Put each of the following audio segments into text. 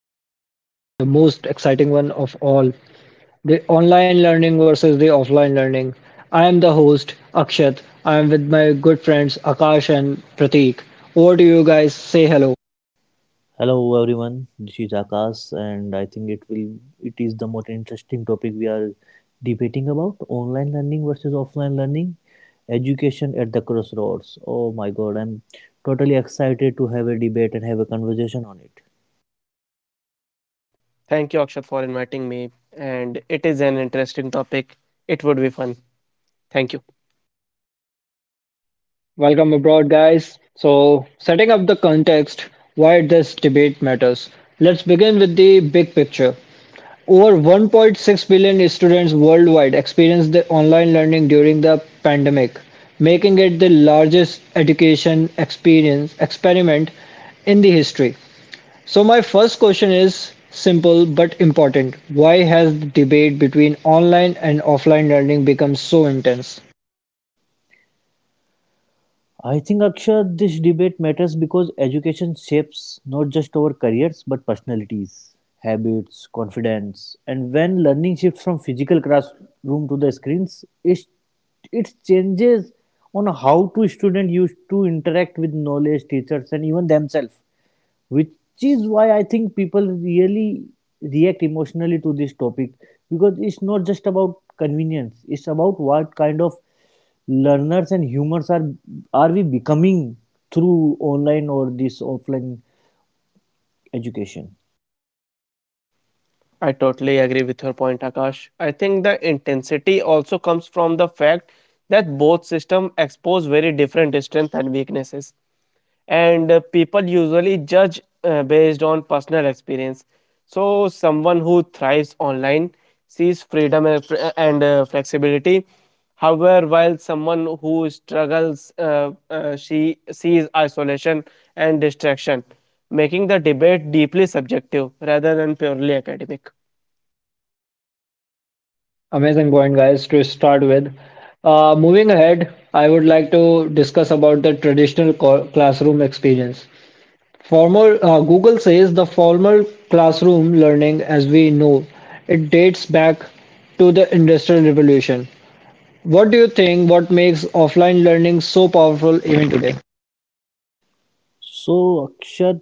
exciting one, the most exciting one of all. The online learning versus the offline learning. I am the host, Akshat. I am with my good friends Akash and Prateek. Over to you guys. Say hello. Hello everyone, this is Akash, and I think it is the most interesting topic we are debating about online learning versus offline learning, education at the crossroads. Oh my God, I'm totally excited to have a debate and have a conversation on it. Thank you, Akshat, for inviting me. And it is an interesting topic. It would be fun. Thank you. Welcome abroad, guys. So, setting up the context why this debate matters. Let's begin with the big picture. Over 1.6 billion students worldwide experienced the online learning during the pandemic, making it the largest education experience experiment in the history. So my first question is simple but important. Why has the debate between online and offline learning become so intense? I think Akshat, this debate matters because education shapes not just our careers but personalities, habits, confidence, and when learning shifts from physical classroom to the screens, it changes on how to student used to interact with knowledge, teachers, and even themselves, which is why I think people really react emotionally to this topic, because it's not just about convenience, it's about what kind of learners and humans are we becoming through online or this offline education. I totally agree with your point, Akash. I think the intensity also comes from the fact that both systems expose very different strengths and weaknesses. And People usually judge based on personal experience. So, someone who thrives online sees freedom and flexibility. However, while someone who struggles, she sees isolation and distraction, making the debate deeply subjective rather than purely academic. Amazing point, guys, to start with. Moving ahead, I would like to discuss about the traditional classroom experience. Former Google says the formal classroom learning as we know it dates back to the Industrial Revolution. What do you think what makes offline learning so powerful even today? So Akshat,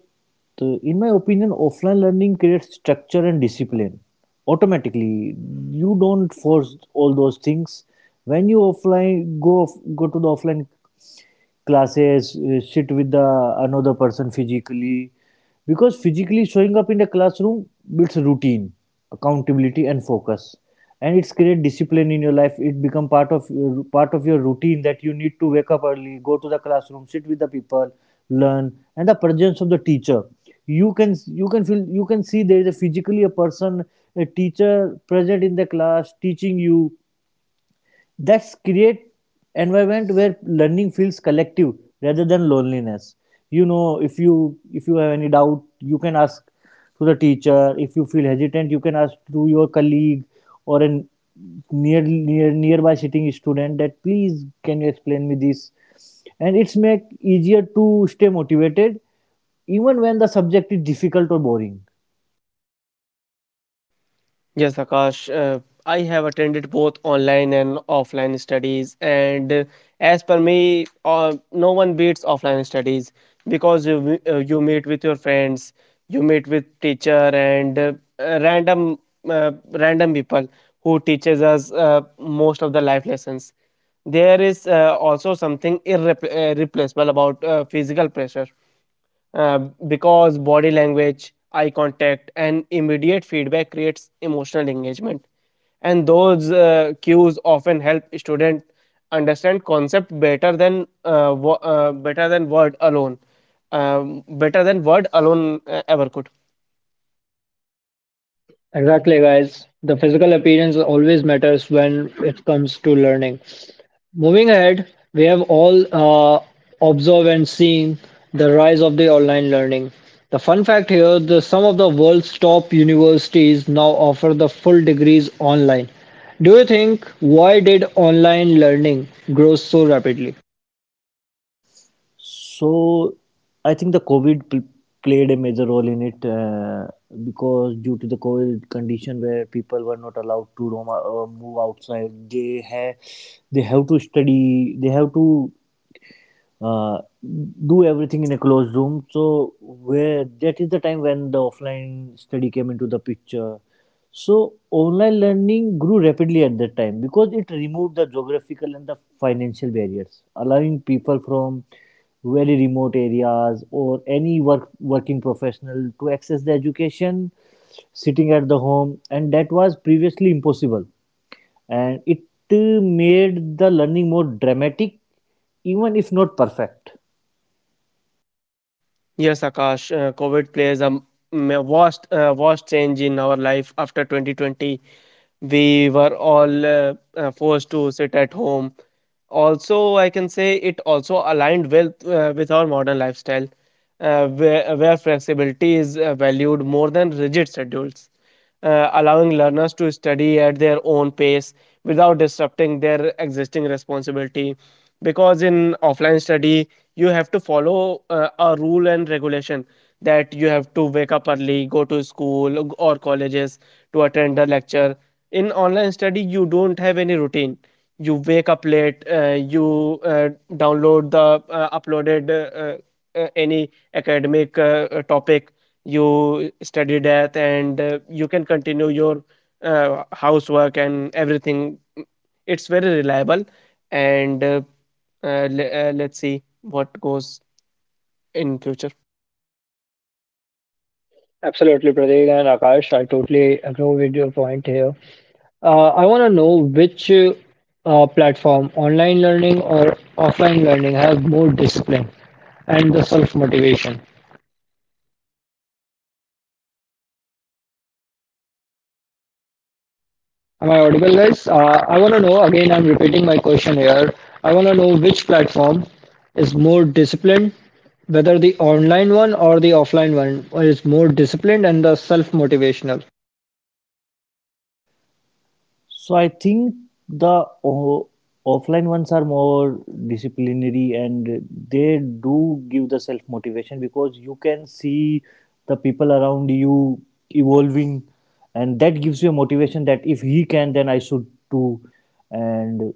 in my opinion, offline learning creates structure and discipline automatically. You don't force all those things when you go to the offline classes, sit with the another person physically, because physically showing up in the classroom builds routine, accountability, and focus, and it's create discipline in your life. It become part of your routine that you need to wake up early, go to the classroom, sit with the people, learn, and the presence of the teacher. You can feel, you can see there is a physically a person, a teacher present in the class teaching you. That's create environment where learning feels collective rather than loneliness. You know, if you have any doubt, you can ask to the teacher. If you feel hesitant, you can ask to your colleague or an nearby sitting student that please can you explain me this, and it's make easier to stay motivated even when the subject is difficult or boring. Yes, Akash. I have attended both online and offline studies, and as per me, no one beats offline studies because you meet with your friends, you meet with teacher, and uh, random random people who teaches us most of the life lessons. There is also something irreplaceable about physical pressure uh, because body language, eye contact, and immediate feedback creates emotional engagement. And those cues often help student understand concept better than better than word alone, better than word alone ever could. Exactly guys, the physical appearance always matters when it comes to learning. Moving ahead, we have all observed and seen the rise of the online learning. The fun fact here, the, some of the world's top universities now offer the full degrees online. Do you think why did online learning grow so rapidly? So I think played a major role in it, because due to the COVID condition where people were not allowed to roam, move outside, they have to study, they have to uh, do everything in a closed room. So where that is the time when the offline study came into the picture. So online learning grew rapidly at that time because it removed the geographical and the financial barriers, allowing people from very remote areas or any working professional to access the education sitting at the home, and that was previously impossible, and it made the learning more dramatic, even if not perfect. Yes, Akash, COVID plays a vast, vast change in our life after 2020. We were all forced to sit at home. Also, I can say it also aligned well with our modern lifestyle, where flexibility is valued more than rigid schedules allowing learners to study at their own pace without disrupting their existing responsibility. Because in offline study, you have to follow a rule and regulation that you have to wake up early, go to school or colleges to attend the lecture. In online study, you don't have any routine. You wake up late, you download the uploaded any academic topic you study death and you can continue your housework and everything. It's very reliable, and let's see what goes in future. Absolutely, Pratik and Akash. I totally agree with your point here. I want to know which platform, online learning or offline learning, has more discipline and the self motivation. Am I audible, guys? I want to know again, I'm repeating my question here. I want to know which platform is more disciplined, whether the online one or the offline one is more disciplined and the self motivational. So I think the o- offline ones are more disciplinary, and they do give the self motivation, because you can see the people around you evolving, and that gives you a motivation that if he can then I should too. And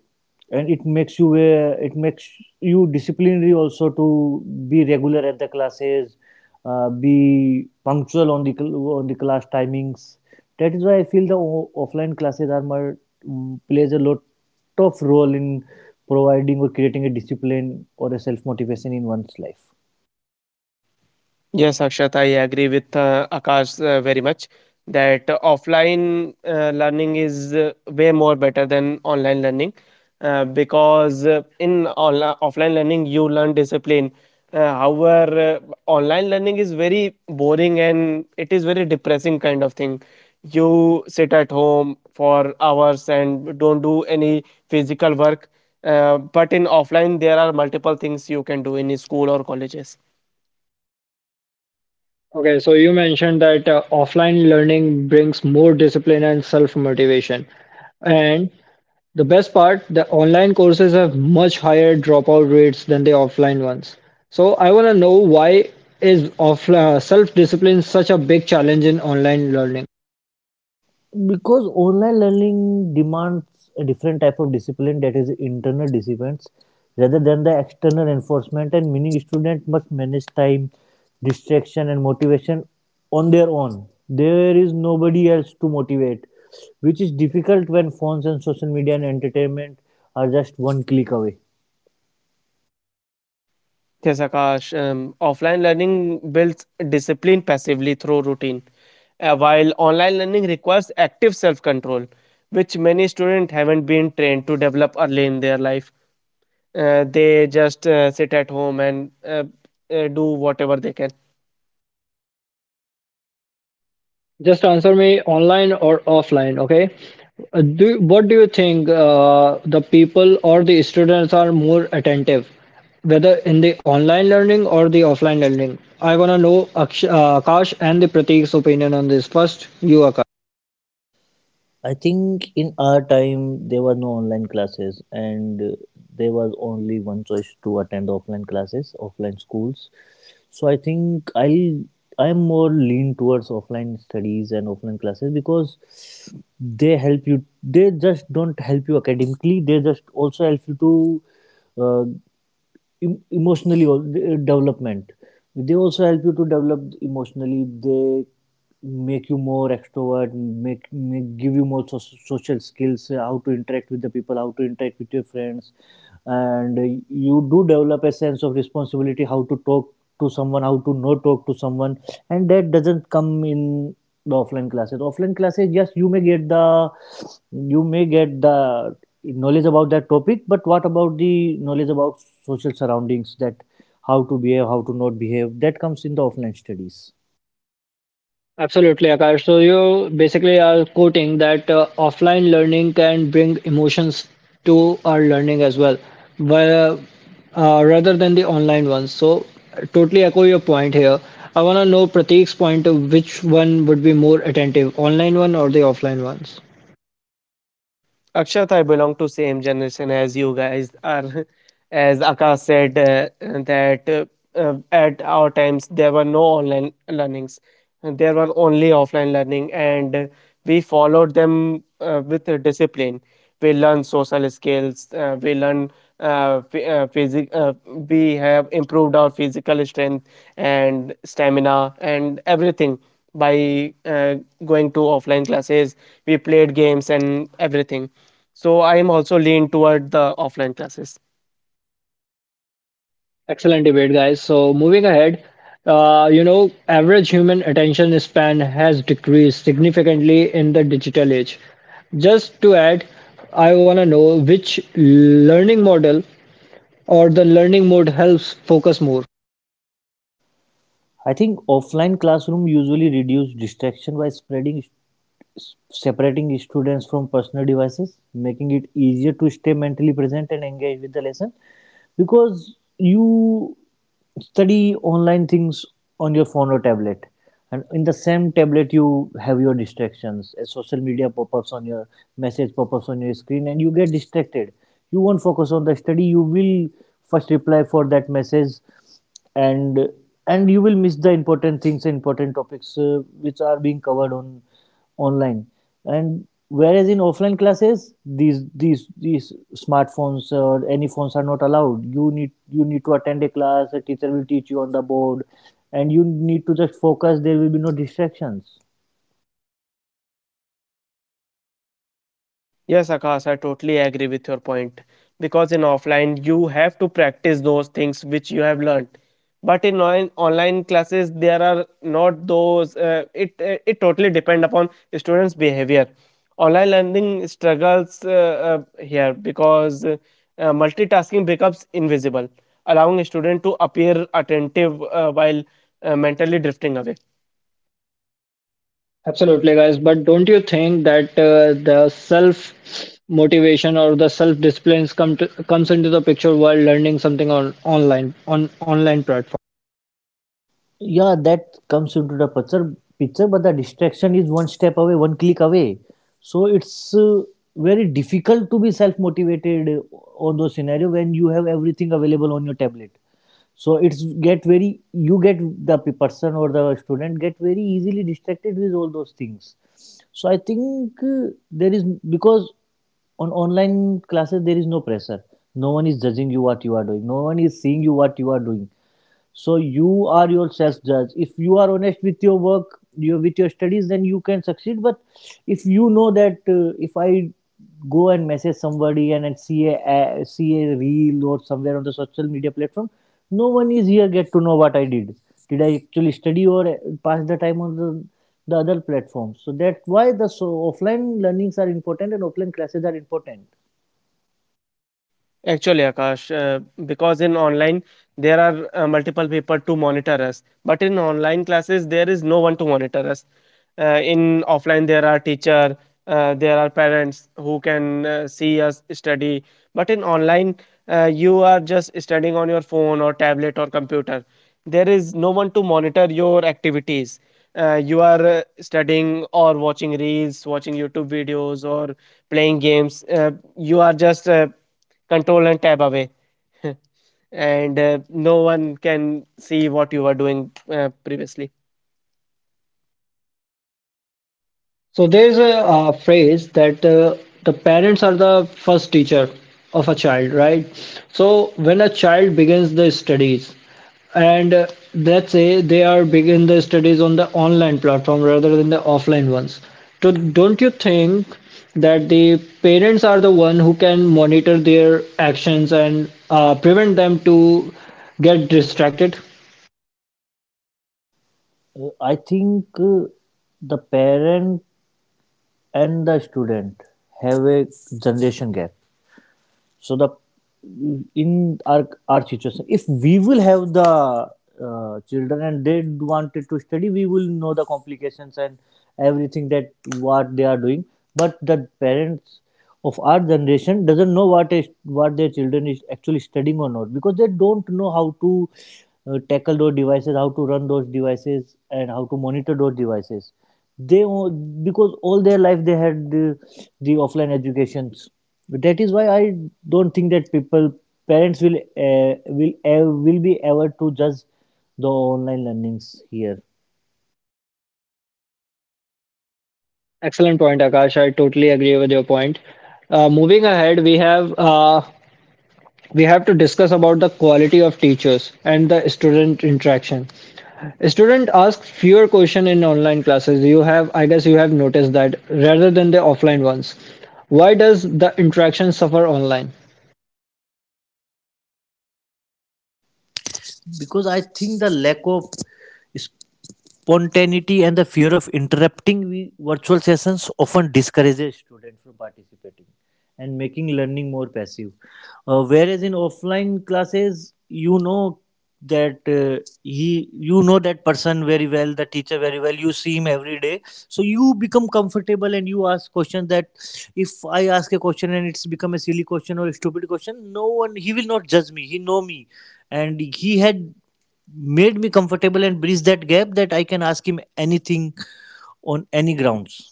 it makes you, it makes you disciplinary also to be regular at the classes, be punctual on on the class timings. That is why I feel offline classes are more, plays a lot of role in providing or creating a discipline or a self motivation in one's life. Yes, Akshat, I agree with Akash very much that offline learning is way more better than online learning because in offline learning you learn discipline. However, online learning is very boring and it is very depressing kind of thing. You sit at home for hours and don't do any physical work. But in offline, there are multiple things you can do in school or colleges. Okay, so you mentioned that offline learning brings more discipline and self motivation. And the best part, the online courses have much higher dropout rates than the offline ones. So I want to know why is off self-discipline such a big challenge in online learning? Because online learning demands a different type of discipline, that is internal disciplines rather than the external enforcement, and meaning student must manage time, distraction, and motivation on their own. There is nobody else to motivate, which is difficult when phones and social media and entertainment are just one click away. Yes, Akash. Offline learning builds discipline passively through routine, while online learning requires active self control, which many students haven't been trained to develop early in their life. They just sit at home and do whatever they can. Just answer me online or offline, okay? Do What do you think the people or the students are more attentive, whether in the online learning or the offline learning? I want to know Akash and the Pratik's opinion on this. First, you, Akash. I think in our time there were no online classes, and there was only one choice to attend offline classes, offline schools. So I think I'm more lean towards offline studies and offline classes because they help you. They just don't help you academically. They just also help you to uh, em- emotionally al- development they also help you to develop emotionally. They make you more extrovert, make, make give you more social skills, how to interact with the people, how to interact with your friends, and you do develop a sense of responsibility, how to talk to someone, how to not talk to someone, and that doesn't come in the offline classes. Offline classes, yes, you may get the knowledge about that topic, but what about the knowledge about social surroundings, that how to behave, how to not behave? That comes in the offline studies. Absolutely, Akash. So you basically are quoting that offline learning can bring emotions to our learning as well, where, rather than the online ones. So totally echo your point here. I want to know Pratik's point of which one would be more attentive, online one or the offline ones? Akshat, I belong to same generation as you guys are. As Akash said, that at our times there were no online learnings. And There were only offline learning, and we followed them with a discipline. We learn social skills. We learn physic. We have improved our physical strength and stamina and everything by going to offline classes. We played games and everything. So I am also lean toward the offline classes. Excellent debate, guys. So, moving ahead, you know, average human attention span has decreased significantly in the digital age. Just to add, I want to know which learning model or the learning mode helps focus more. I think offline classroom usually reduce distraction by spreading separating students from personal devices, making it easier to stay mentally present and engage with the lesson, because you study online things on your phone or tablet, and in the same tablet you have your distractions. Social media pop-ups on your message, pop-ups on your screen, and you get distracted. You won't focus on the study. You will first reply for that message, and you will miss the important things and important topics, which are being covered on online. And whereas in offline classes, these smartphones or any phones are not allowed. You need to attend a class. A teacher will teach you on the board, and you need to just focus. There will be no distractions. Yes, Akash, I totally agree with your point. Because in offline, you have to practice those things which you have learned. But in online, online classes, there are not those. It totally depend upon students' behavior. Online learning struggles here because multitasking becomes invisible, allowing a student to appear attentive while mentally drifting away. Absolutely, guys. But don't you think that the self motivation or the self disciplines comes into the picture while learning something on online platform? Yeah, that comes into the picture, but the distraction is one step away, one click away. So it's very difficult to be self motivated on those scenario when you have everything available on your tablet. So it's get very you get person or the student get very easily distracted with all those things. So I think there is because on online classes there is no pressure. No one is judging you what you are doing. No one is seeing you what you are doing, so you are your self judge. If you are honest with your work, your with your studies, then you can succeed. But if you know that if I go and message somebody, and see a see a reel or somewhere on the social media platform, no one is here get to know what I did. Did I actually study, or pass the time on the other platforms? So that's why the so offline learnings are important and offline classes are important. Actually, Akash, because in online there are multiple people to monitor us, but in online classes there is no one to monitor us. In offline there are teacher, there are parents who can see us study, but in online you are just studying on your phone or tablet or computer. There is no one to monitor your activities. You are studying or watching reels, watching YouTube videos, or playing games. You are just control and tab away and no one can see what you were doing previously. So there's a, phrase that the parents are the first teacher of a child, right? So when a child begins their studies, and let's say they are begin their studies on the online platform rather than the offline ones, so don't you think that the parents are the one who can monitor their actions and prevent them to get distracted? I think The parent and the student have a generation gap. So the In our situation, if we will have the children and they wanted to study, we will know the complications and everything, that what they are doing. But the parents of our generation doesn't know what is, what their children is actually studying or not, because they don't know how to tackle those devices, how to run those devices, and how to monitor those devices. Because all their life they had the offline educations. That is why I don't think that people parents will uh, will be ever to judge the online learnings here. Excellent point, Akash. I totally agree with your point. Moving ahead, we have to discuss about the quality of teachers and the student interaction student ask fewer question in online classes, you have, I guess you have noticed that rather than the offline ones. Why does the interaction suffer online? Because I think the lack of spontaneity and the fear of interrupting virtual sessions often discourages students from participating and making learning more passive. Whereas in offline classes, you know that you know that person very well, the teacher very well. You see him every day, so you become comfortable and you ask questions that if I ask a question and it's become a silly question or a stupid question, no one he will not judge me. He know me and he had made me comfortable and bridge that gap that I can ask him anything on any grounds.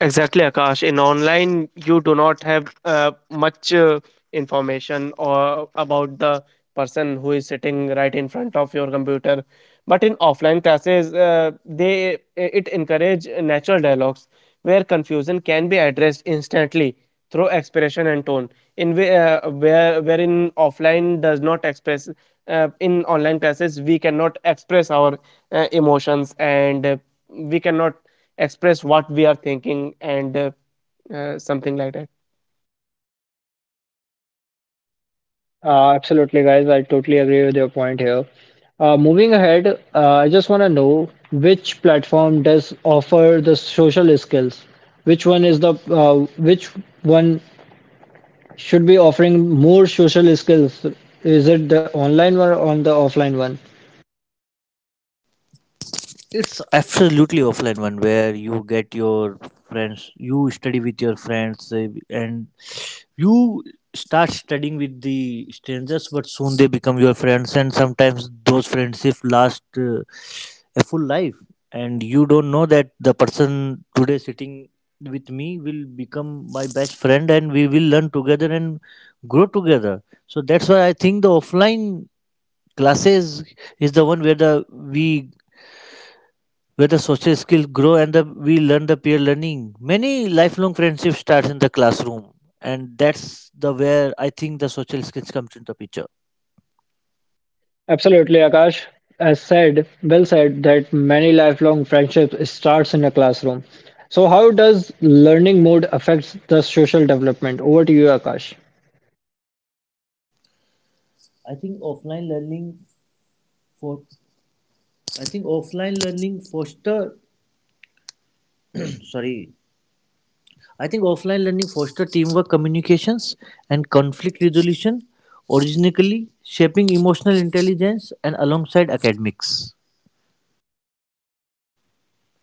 Exactly, Akash. In online, you do not have much information or about the person who is sitting right in front of your computer. But in offline classes, they it encourage natural dialogues where confusion can be addressed instantly through expression and tone. In whi- where wherein offline does not express in online classes, we cannot express our emotions, and we cannot express what we are thinking and something like that. Absolutely guys, I totally agree with your point here. Moving ahead, I just want to know which platform does offer the social skills, which one is the uh, which one should be offering more social skills. Is it the online one or the offline one? It's absolutely offline one where you get your friends, you study with your friends, and you start studying with the strangers, but soon they become your friends, and sometimes those friendship last a full life, and you don't know that the person today sitting with me will become my best friend, and we will learn together and grow together. So that's why I think the offline classes is the one where the we where the social skills grow, and we learn the peer learning. Many lifelong friendships starts in the classroom, and that's the where I think the social skills comes into picture. Absolutely, Akash. As said, well said that many lifelong friendships starts in a classroom. So how does learning mode affects the social development? Over to you, Akash. I think offline learning for I think offline learning foster sorry. I think offline learning foster teamwork, communications, and conflict resolution, originally shaping emotional intelligence and alongside academics.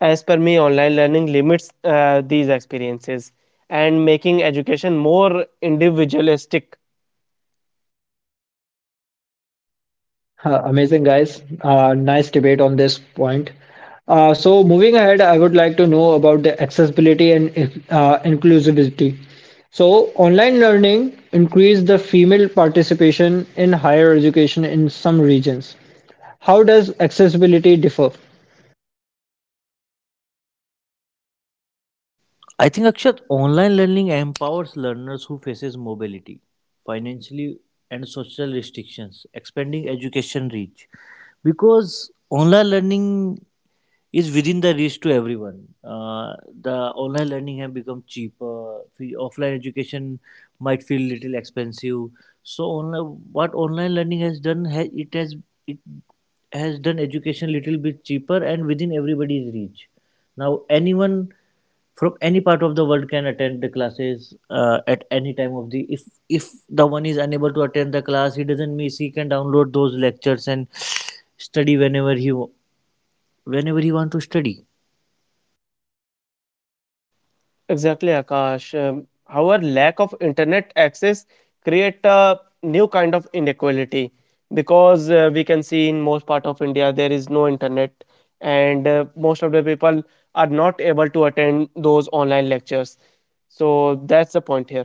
As per me, online learning limits these experiences and making education more individualistic. Amazing, guys. Nice debate on this point. So, moving ahead, I would like to know about the accessibility and inclusivity. So, online learning increased the female participation in higher education in some regions. How does accessibility differ? I think Akshat, online learning empowers learners who faces mobility, financially and social restrictions, expanding education reach. Because online learning is within the reach to everyone. The online learning have become cheaper. The Offline education might feel little expensive. So online, what online learning has done, it has done education little bit cheaper and within everybody's reach. Now anyone from any part of the world can attend the classes at any time of the if if the one is unable to attend the class, he doesn't miss, he can download those lectures and study whenever he want to study. Exactly, Akash. However, lack of internet access create a new kind of inequality because we can see in most part of India there is no internet, and most of the people are not able to attend those online lectures. So that's the point here.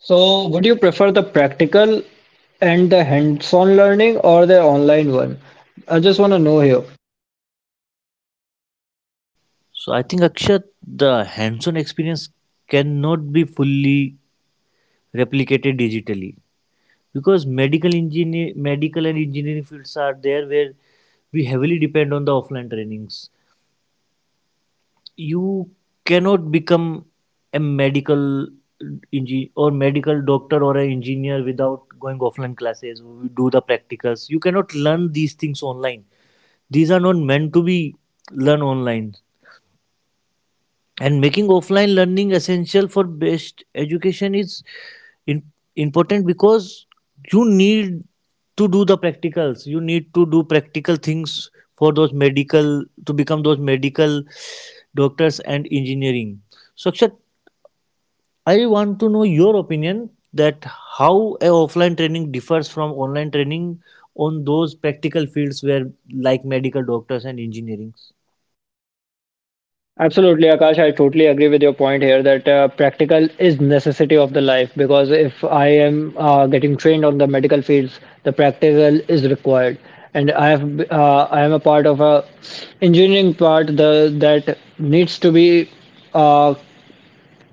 So, would you prefer the practical and the hands-on learning or the online one? I just want to know here. So I think, Akshat, the hands-on experience cannot be fully replicated digitally because medical engineer medical and engineering fields are there where we heavily depend on the offline trainings. You cannot become a medical engi or medical doctor or an engineer without going offline classes, do the practicals. You cannot learn these things online. These are not meant to be learned online. And making offline learning essential for best education is in, important because you need to do the practicals, you need to do practical things for those medical to become those medical doctors and engineering. So Akshat, I want to know your opinion that how a offline training differs from online training on those practical fields where, like medical doctors and engineering. Absolutely, Akash. I totally agree with your point here that practical is necessity of the life because if I am getting trained on the medical fields, the practical is required. And I have I am a part of a engineering part the, that needs to be uh,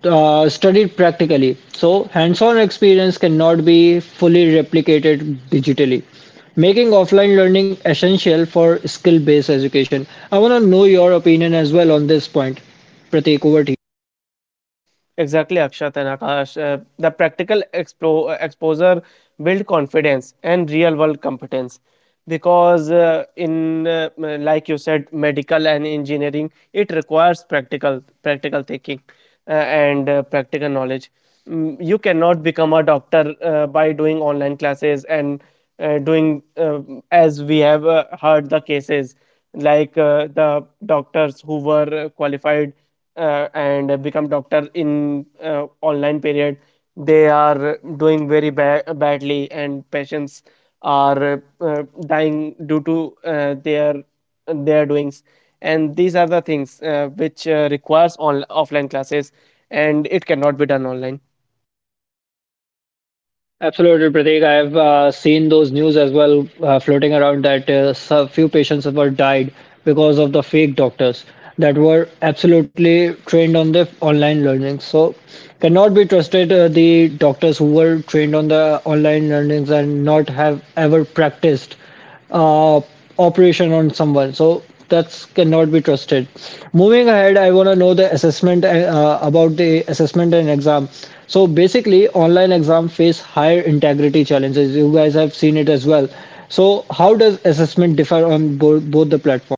studied practically. So, hands on experience cannot be fully replicated digitally, making offline learning essential for skill based education. I want to know your opinion as well on this point. Prateek, over to you. Exactly, Akshat and Akash. The practical exposure build confidence and real world competence because like you said medical and engineering it requires practical thinking and practical knowledge. Mm, you cannot become a doctor by doing online classes and doing as we have heard the cases like the doctors who were qualified and become doctor in online period, they are doing very badly and patients are dying due to their their doings, and these are the things which requires on offline classes and it cannot be done online. Absolutely, Pratik. I've seen those news as well floating around that some few patients were died because of the fake doctors that were absolutely trained on the online learning. So cannot be trusted the doctors who were trained on the online learnings and not have ever practiced uh, operation on someone. So that cannot be trusted. Moving ahead, I want to know the assessment about the assessment and exam. So basically, online exam face higher integrity challenges. You guys have seen it as well. So how does assessment differ on both the platforms?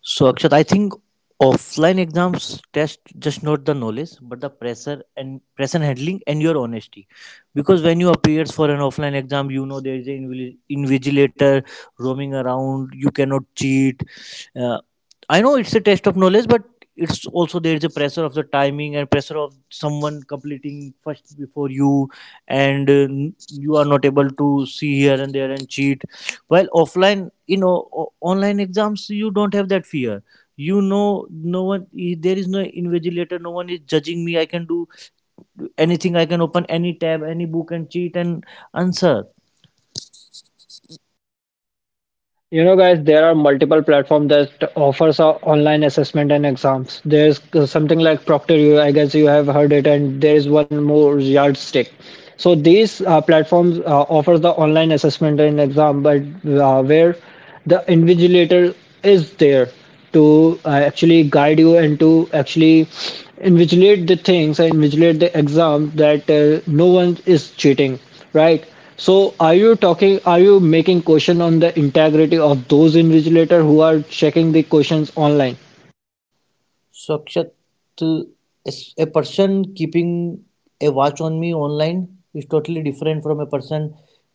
So, Akshat, I think offline exams test just not the knowledge, but the pressure and pressure handling and your honesty. Because when you appears for an offline exam, you know there is an invigilator roaming around. You cannot cheat. Uh, I know it's a test of knowledge, but it's also there is a pressure of the timing and pressure of someone completing first before you, and you are not able to see here and there and cheat. While offline, you know, online exams, you don't have that fear. You know, no one there is no invigilator, no one is judging me, I can do anything, I can open any tab, any book and cheat and answer. You know, guys, there are multiple platforms that offers online assessment and exams. There's something like Proctor, you, I guess you have heard it, and there is one more yardstick. So these platforms offers the online assessment and exam, but where the invigilator is there to actually guide you and to actually invigilate the things and invigilate the exam that no one is cheating, right? So are you talking, are you making question on the integrity of those invigilator who are checking the questions online? So, Akshat, is a person keeping a watch on me online is totally different from a person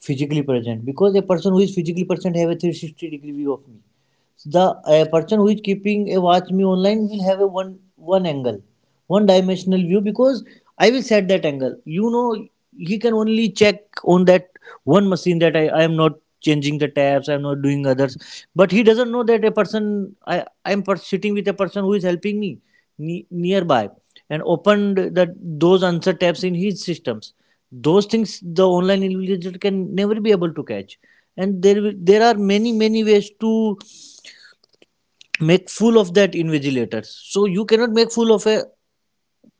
physically present, because a person who is physically present have a 360-degree view of me. The a person who is keeping a watch me online will have a one angle, one dimensional view, because I will set that angle. You know, he can only check on that one machine that I am not changing the tabs, I am not doing others. But he doesn't know that a person, I am sitting with a person who is helping me nearby and opened that those answer tabs in his systems. Those things the online intelligence can never be able to catch. And there, there are many, many ways to make full of that invigilators. So you cannot make full of a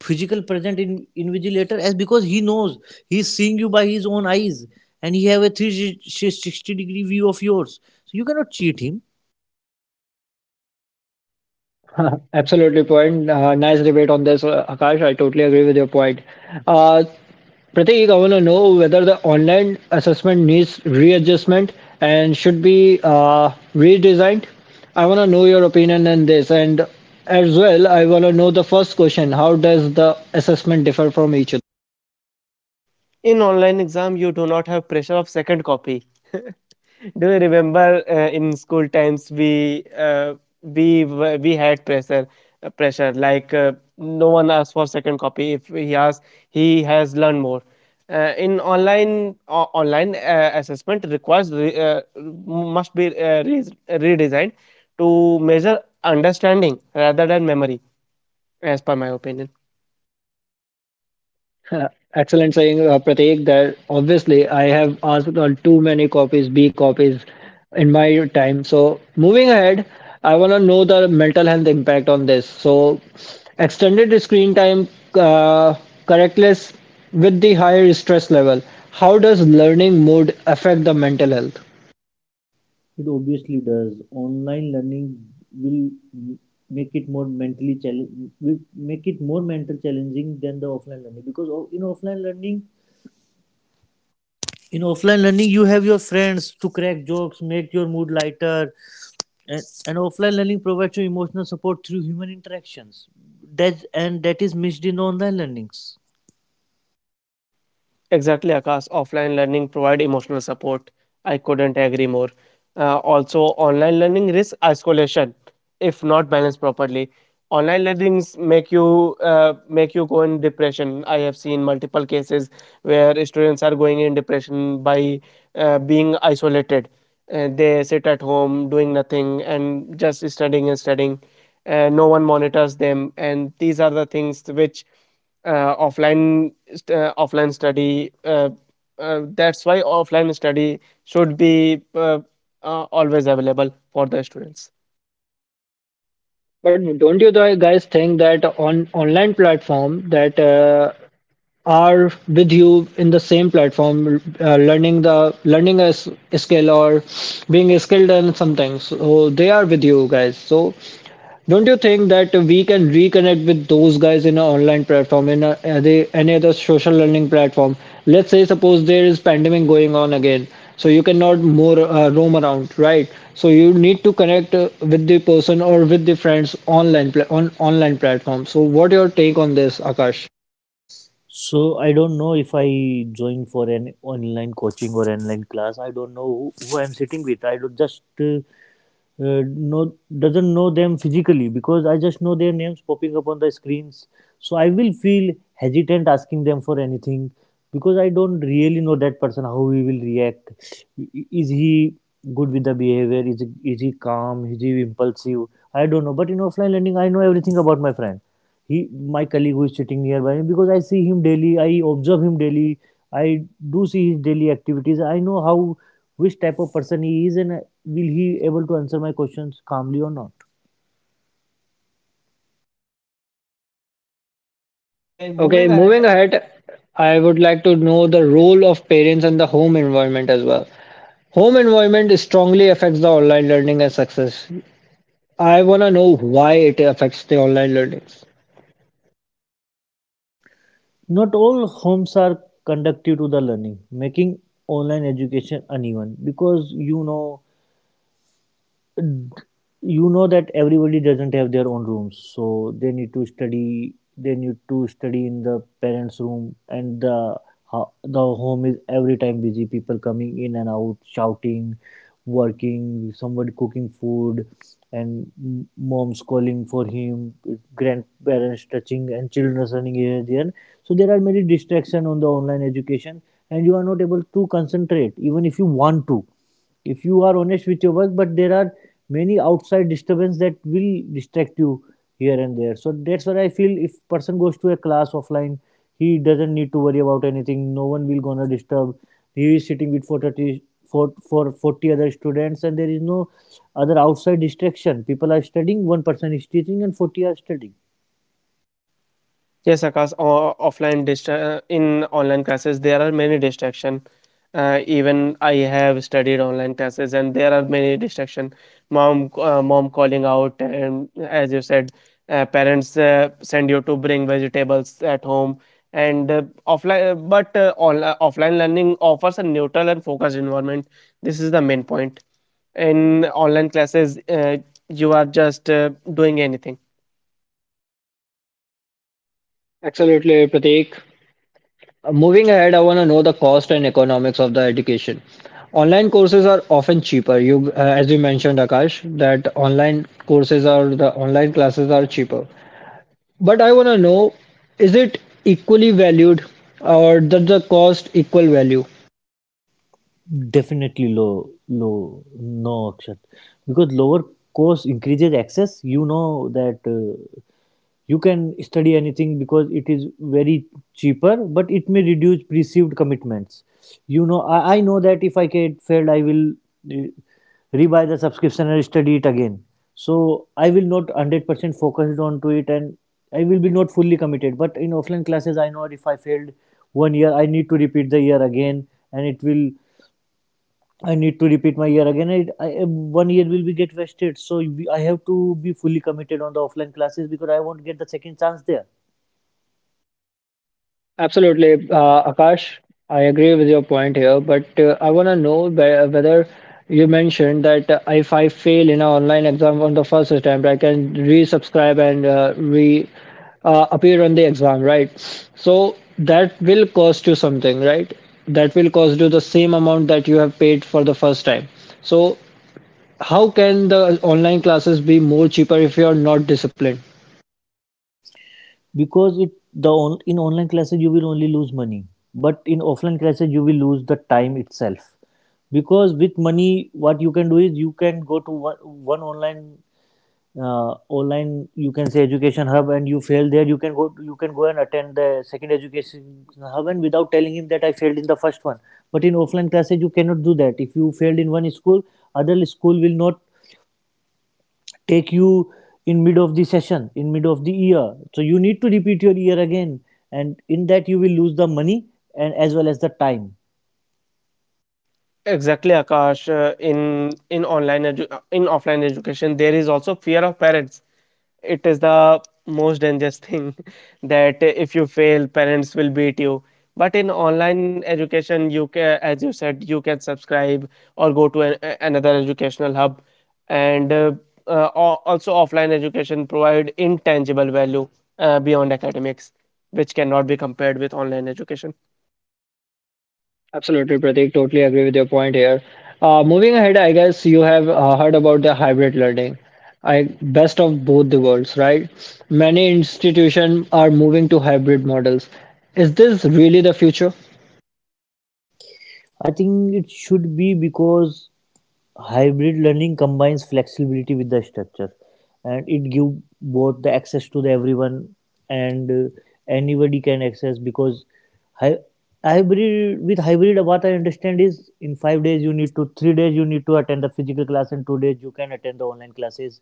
physical present in invigilator as because he knows he's seeing you by his own eyes and he have a 360-degree view of yours, so you cannot cheat him. Absolutely point. Nice debate on this, Akash. I totally agree with your point. Uh, Pratik, I want to know whether the online assessment needs readjustment and should be redesigned. I want to know your opinion on this, and as well, I want to know the first question: How does the assessment differ from each other? In online exam you do not have pressure of second copy. Do you remember in school times we were- we had pressure uh, pressure like uh, no one asks for second copy. If he asks, he has learned more. In online online assessment requires re, must be re- redesigned to measure understanding rather than memory, as per my opinion. Uh, Excellent saying, Pratik, that obviously I have asked on too many copies, B copies in my time. So, moving ahead, I want to know the mental health impact on this. So, extended screen time, uh, correctness with the higher stress level, how does learning mode affect the mental health? It obviously does. Online learning will make it more mentally challenge will make it more mental challenging than the offline learning, because in offline learning in offline learning you have your friends to crack jokes, make your mood lighter, and, and offline learning provides you emotional support through human interactions, that and that is missed in online learnings. Exactly, Akash. Offline learning provide emotional support. I couldn't agree more. Also, online learning risks isolation if not balanced properly. Online learnings make you go in depression. I have seen multiple cases where students are going in depression by being isolated. They sit at home doing nothing and just studying and studying. No one monitors them, and these are the things which offline study that's why offline study should be always available for the students. But don't you guys think that on online platform that are with you in the same platform learning the learning a skill or being skilled in something, so they are with you guys? So don't you think that we can reconnect with those guys in an online platform, in a, any other social learning platform? Let's say suppose there is pandemic going on again, so you cannot more roam around, right? So you need to connect with the person or with the friends online on online platform. So what your take on this, Akash? So I don't know if I join for an online coaching or online class, I don't know who I'm sitting with, I don't just know, doesn't know them physically, because I just know their names popping up on the screens. So I will feel hesitant asking them for anything because I don't really know that person, how he will react. Is he good with the behavior? Is he, calm? Is he impulsive? I don't know. But in offline lending, I know everything about my friend. He, my colleague who is sitting nearby me, because I see him daily, I observe him daily, I do see his daily activities. I know how which type of person he is, and will he able to answer my questions calmly or not. Okay, Okay, moving moving ahead. ahead, I would like to know the role of parents and the home environment as well. Home environment strongly affects the online learning and success. I want to know why it affects the online learnings. Not all homes are conducive to the learning, making online education uneven, because you know, d- you know that everybody doesn't have their own rooms, so they need to study they need to study in the parents room, and the the home is every time busy, people coming in and out, shouting, working, somebody cooking food, and moms calling for him, grandparents touching and children running here and there. So there are many distractions on the online education, and you are not able to concentrate even if you want to, if you are honest with your work, but there are many outside disturbance that will distract you here and there. So that's what I feel: if person goes to a class offline, he doesn't need to worry about anything, no one will gonna disturb. He is sitting with 40, for 40 other students, and there is no other outside distraction, people are studying, one person is teaching and 40 are studying. Yes, Akash, offline in online classes, there are many distraction. Even I have studied online classes, and there are many distraction. Mom, mom calling out, and as you said, parents send you to bring vegetables at home. And offline, but online, Offline learning offers a neutral and focused environment. This is the main point. In online classes, you are just doing anything. Absolutely, Prateek. Moving ahead, I want to know the cost and economics of the education. Online courses are often cheaper. You, as you mentioned, Akash, that online courses are the online classes are cheaper. But I want to know, is it equally valued or does the cost equal value? Definitely low, low, no action, because lower cost increases access. You know that you can study anything because it is very cheaper, but it may reduce perceived commitments. You know I know that if I get failed, I will uh, rebuy the subscription and study it again, so I will not 100% focused on to it and I will be not fully committed. But in offline classes, I know if I failed 1 year, I need to repeat the year again, and it will, I need to repeat my year again. It 1 year will be get wasted, so I have to be fully committed on the offline classes because I won't get the second chance there. Absolutely, Akash. I agree with your point here, but I want to know whether you mentioned that if I fail in an online exam on the first attempt, I can resubscribe and re appear on the exam, right? So that will cost you something, right? That will cost you the same amount that you have paid for the first time. So how can the online classes be more cheaper if you're not disciplined? Because it the in online classes you will only lose money, but in offline classes you will lose the time itself. Because with money, what you can do is you can go to one online you can say education hub, and you fail there, you can go and attend the second education hub and without telling him that I failed in the first one. But in offline classes you cannot do that. If you failed in one school, other school will not take you in mid of the session, in mid of the year, so you need to repeat your year again, and in that you will lose the money and as well as the time. Exactly, Akash. In offline education, there is also fear of parents. It is the most dangerous thing that if you fail, parents will beat you. But in online education, you can, as you said, you can subscribe or go to another educational hub, and also offline education provide intangible value beyond academics, which cannot be compared with online education. Absolutely, Prateek. Totally agree with your point here. Moving ahead, I guess you have heard about the hybrid learning. I best of both the worlds, right? Many institutions are moving to hybrid models. Is this really the future? I think it should be, because hybrid learning combines flexibility with the structure, and it give both the access to the everyone, and anybody can access. Because hy- hybrid, with hybrid what I understand is in 5 days you need to 3 days you need to attend the physical class and 2 days you can attend the online classes.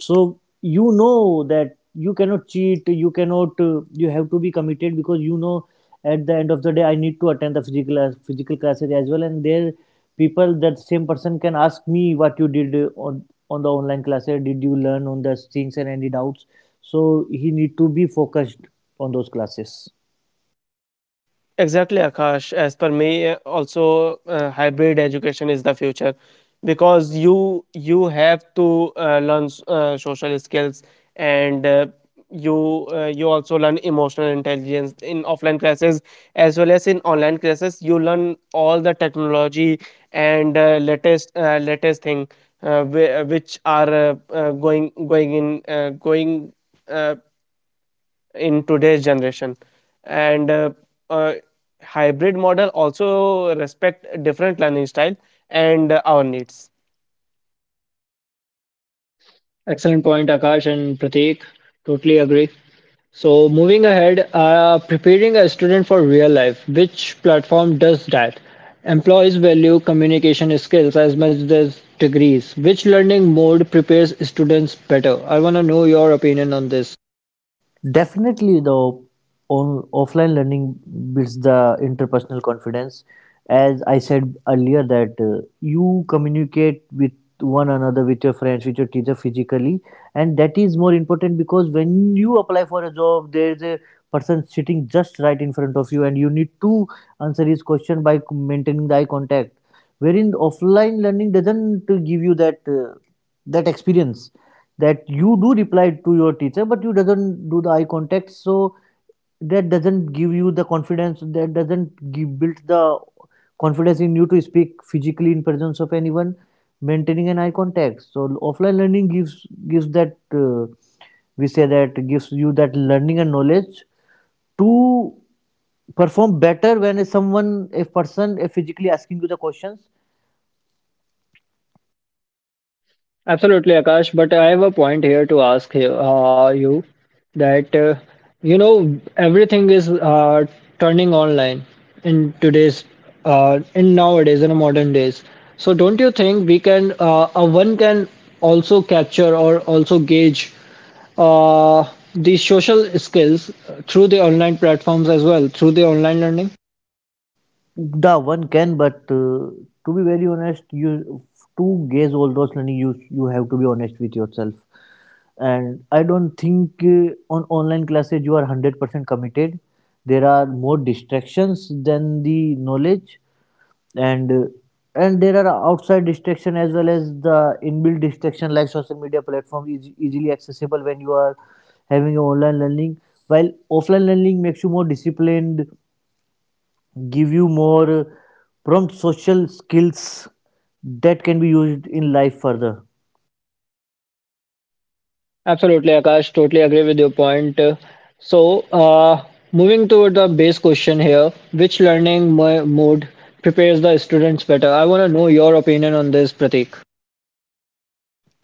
So you know that you cannot cheat, you cannot you have to be committed, because you know at the end of the day I need to attend the physical physical classes as well, and there people, that same person can ask me what you did on on the online classes, did you learn on the things and any doubts. So he need to be focused on those classes. Exactly, Akash. As per me, also hybrid education is the future because you have to learn social skills and you also learn emotional intelligence in offline classes as well as in online classes. You learn all the technology and latest thing which are going Uh, in today's generation, and uh, hybrid model also respect different learning style and our needs. Excellent point, Akash and Prateek. Totally agree. So, moving ahead, preparing a student for real life, which platform does that? Employees value communication skills as much as degrees. Which learning mode prepares students better? I want to know your opinion on this. Definitely, though, offline learning builds the interpersonal confidence. As I said earlier, that you communicate with one another, with your friends, with your teacher physically, and that is more important because when you apply for a job, there is a person sitting just right in front of you, and you need to answer his question by maintaining the eye contact. Wherein offline learning doesn't give you that experience, that you do reply to your teacher but you doesn't do the eye contact, so that doesn't give you the confidence, that doesn't build the confidence in you to speak physically in presence of anyone maintaining an eye contact. So offline learning gives that we say that gives you that learning and knowledge to perform better when someone, a person a physically asking you the questions. Absolutely, Akash. But I have a point here to ask you, that you know everything is turning online in today's in nowadays in the modern days. So don't you think we can one can also capture or also gauge the social skills through the online platforms as well through the online learning? The one can, but to be very honest, you, to gaze all those learning, you have to be honest with yourself. And I don't think on online classes you are 100% committed. There are more distractions than the knowledge, and uh, and there are outside distraction as well as the inbuilt distraction, like social media platform is easily accessible when you are having a online learning. While offline learning makes you more disciplined, give you more prompt social skills that can be used in life further. Absolutely, Akash. Totally agree with your point. So, moving toward the base question here, which learning mode prepares the students better? I want to know your opinion on this, Pratik.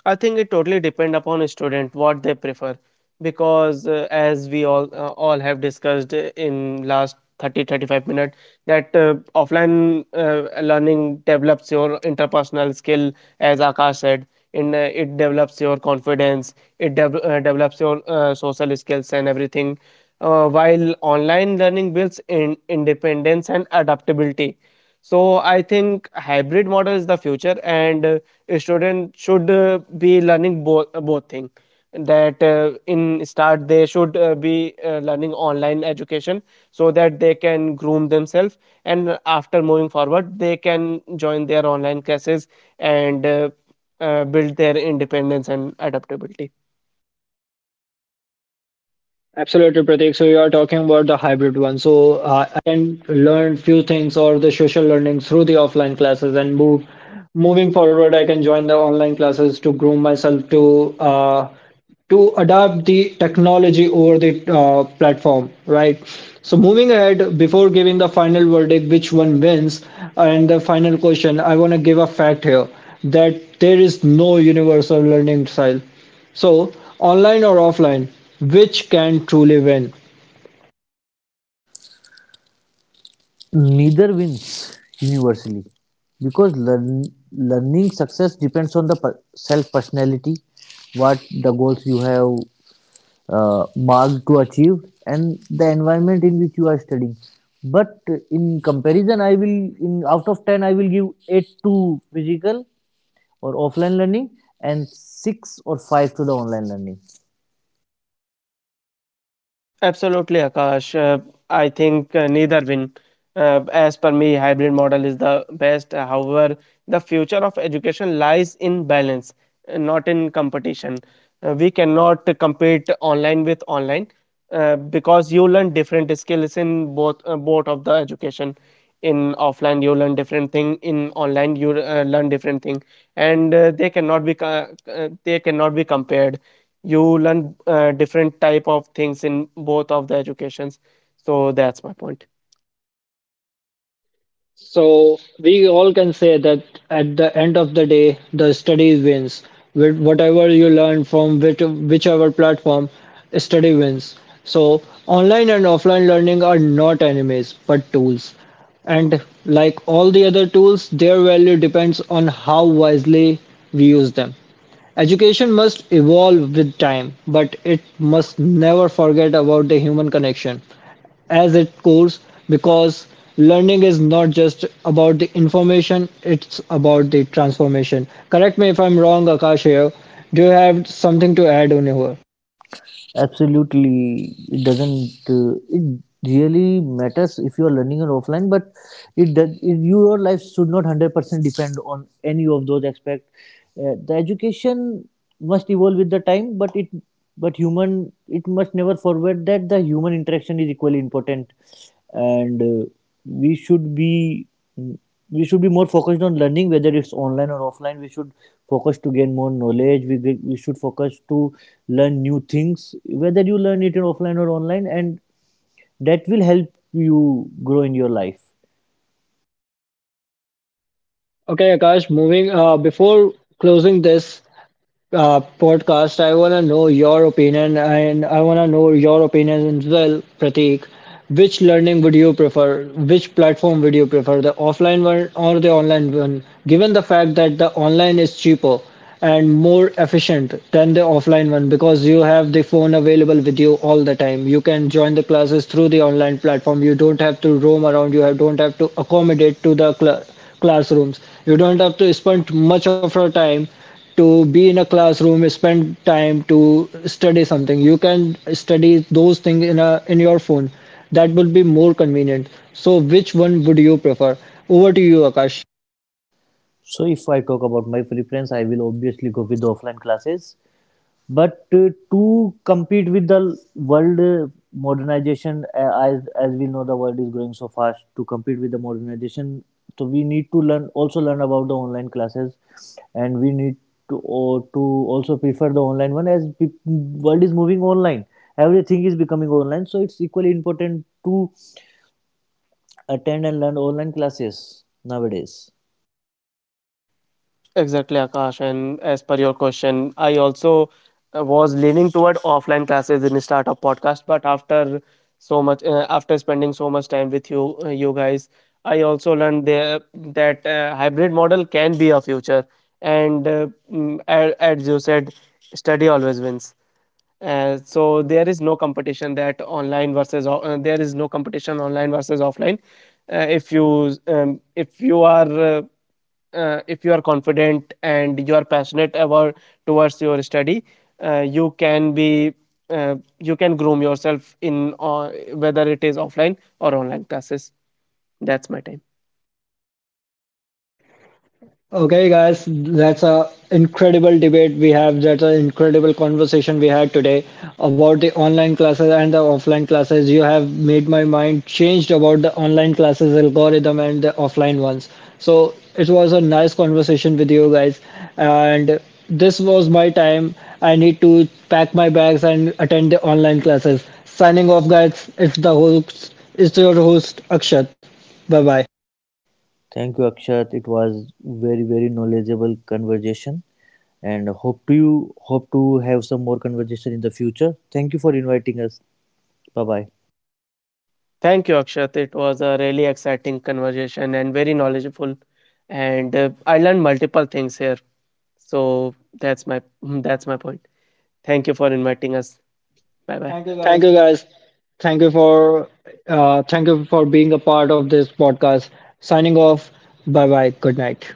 I think it totally depend upon a student what they prefer because as we all have discussed in last 30-35 minutes that offline learning develops your interpersonal skill, as Akash said. In It develops your confidence, develops your social skills and everything, while online learning builds in independence and adaptability. So I think hybrid model is the future, and a student should be learning both thing. That in start they should be learning online education so that they can groom themselves, and after moving forward they can join their online classes and build their independence and adaptability. Absolutely, Pratik. So you are talking about the hybrid one. So I can learn few things or the social learning through the offline classes and move moving forward. I can join the online classes to groom myself to adapt the technology over the platform, right? So moving ahead, before giving the final verdict, which one wins, and the final question, I want to give a fact here that there is no universal learning style. So, online or offline, which can truly win? Neither wins universally, because learning success depends on the self personality, what the goals you have marked to achieve, and the environment in which you are studying. But in comparison, I will, in out of 10 I will give 8 to physical or offline learning, and 6 or 5 to the online learning. Absolutely, Akash. I think neither win. As per me, hybrid model is the best. However, the future of education lies in balance, not in competition. We cannot compete online with online because you learn different skills in both of the education. In offline, you learn different thing. In online, you learn different thing, and they cannot be they cannot be compared. You learn different type of things in both of the educations. So that's my point. So, we all can say that at the end of the day, the study wins. With whatever you learn from which, whichever platform, study wins. So, online and offline learning are not enemies but tools. And like all the other tools, their value depends on how wisely we use them. Education must evolve with time, but it must never forget about the human connection as its course, because learning is not just about the information, it's about the transformation. Correct me if I'm wrong, Akash here. Do you have something to add on here? Absolutely, it doesn't it really matters if you are learning on offline, but it does it, your life should not 100% depend on any of those aspects. The education must evolve with the time, but it, but human, it must never forget that the human interaction is equally important, and we should be, we should be more focused on learning, whether it's online or offline, we should focus to gain more knowledge, we should focus to learn new things, whether you learn it in offline or online, and that will help you grow in your life. Okay, Akash, moving before closing this, podcast. I want to know your opinion, and I want to know your opinion as well, Prateek. Which learning would you prefer? Which platform would you prefer, the offline one or the online one? Given the fact that the online is cheaper and more efficient than the offline one because you have the phone available with you all the time. You can join the classes through the online platform. You don't have to roam around. You don't have to accommodate to the classrooms. You don't have to spend much of your time to be in a classroom, spend time to study something. You can study those things in a in your phone. That will be more convenient. So which one would you prefer? Over to you, Akash. So if I talk about my preference, I will obviously go with the offline classes. But to compete with the world modernization, as we know, the world is growing so fast. To compete with the modernization, so we need to learn about the online classes, and we need to also prefer the online one, as pe- world is moving online. Everything is becoming online, so it's equally important to attend and learn online classes nowadays. Exactly, Akash. And as per your question, I also was leaning toward offline classes in startup podcast, but after so much, after spending so much time with you, you guys, I also learned there that hybrid model can be a future. And as you said, study always wins. So there is no competition that there is no competition online versus offline. If you are uh, confident and you are passionate about towards your study, you can be you can groom yourself in whether it is offline or online classes. That's my time. Okay, guys, that's a incredible debate we have. That's an incredible conversation we had today about the online classes and the offline classes. You have made my mind changed about the online classes algorithm and the offline ones. So it was a nice conversation with you guys, and this was my time. I need to pack my bags and attend the online classes. Signing off, guys. It's the host. It's your host Akshat. Bye bye. Thank you, Akshat. It was very, very knowledgeable conversation, and hope to have some more conversation in the future. Thank you for inviting us. Bye bye. Thank you, Akshat. It was a really exciting conversation and very knowledgeable, and I learned multiple things here. So that's my that's my point. Thank you for inviting us. Bye bye. Thank you, guys. Thank you for thank you for being a part of this podcast. Signing off. Bye bye. Good night.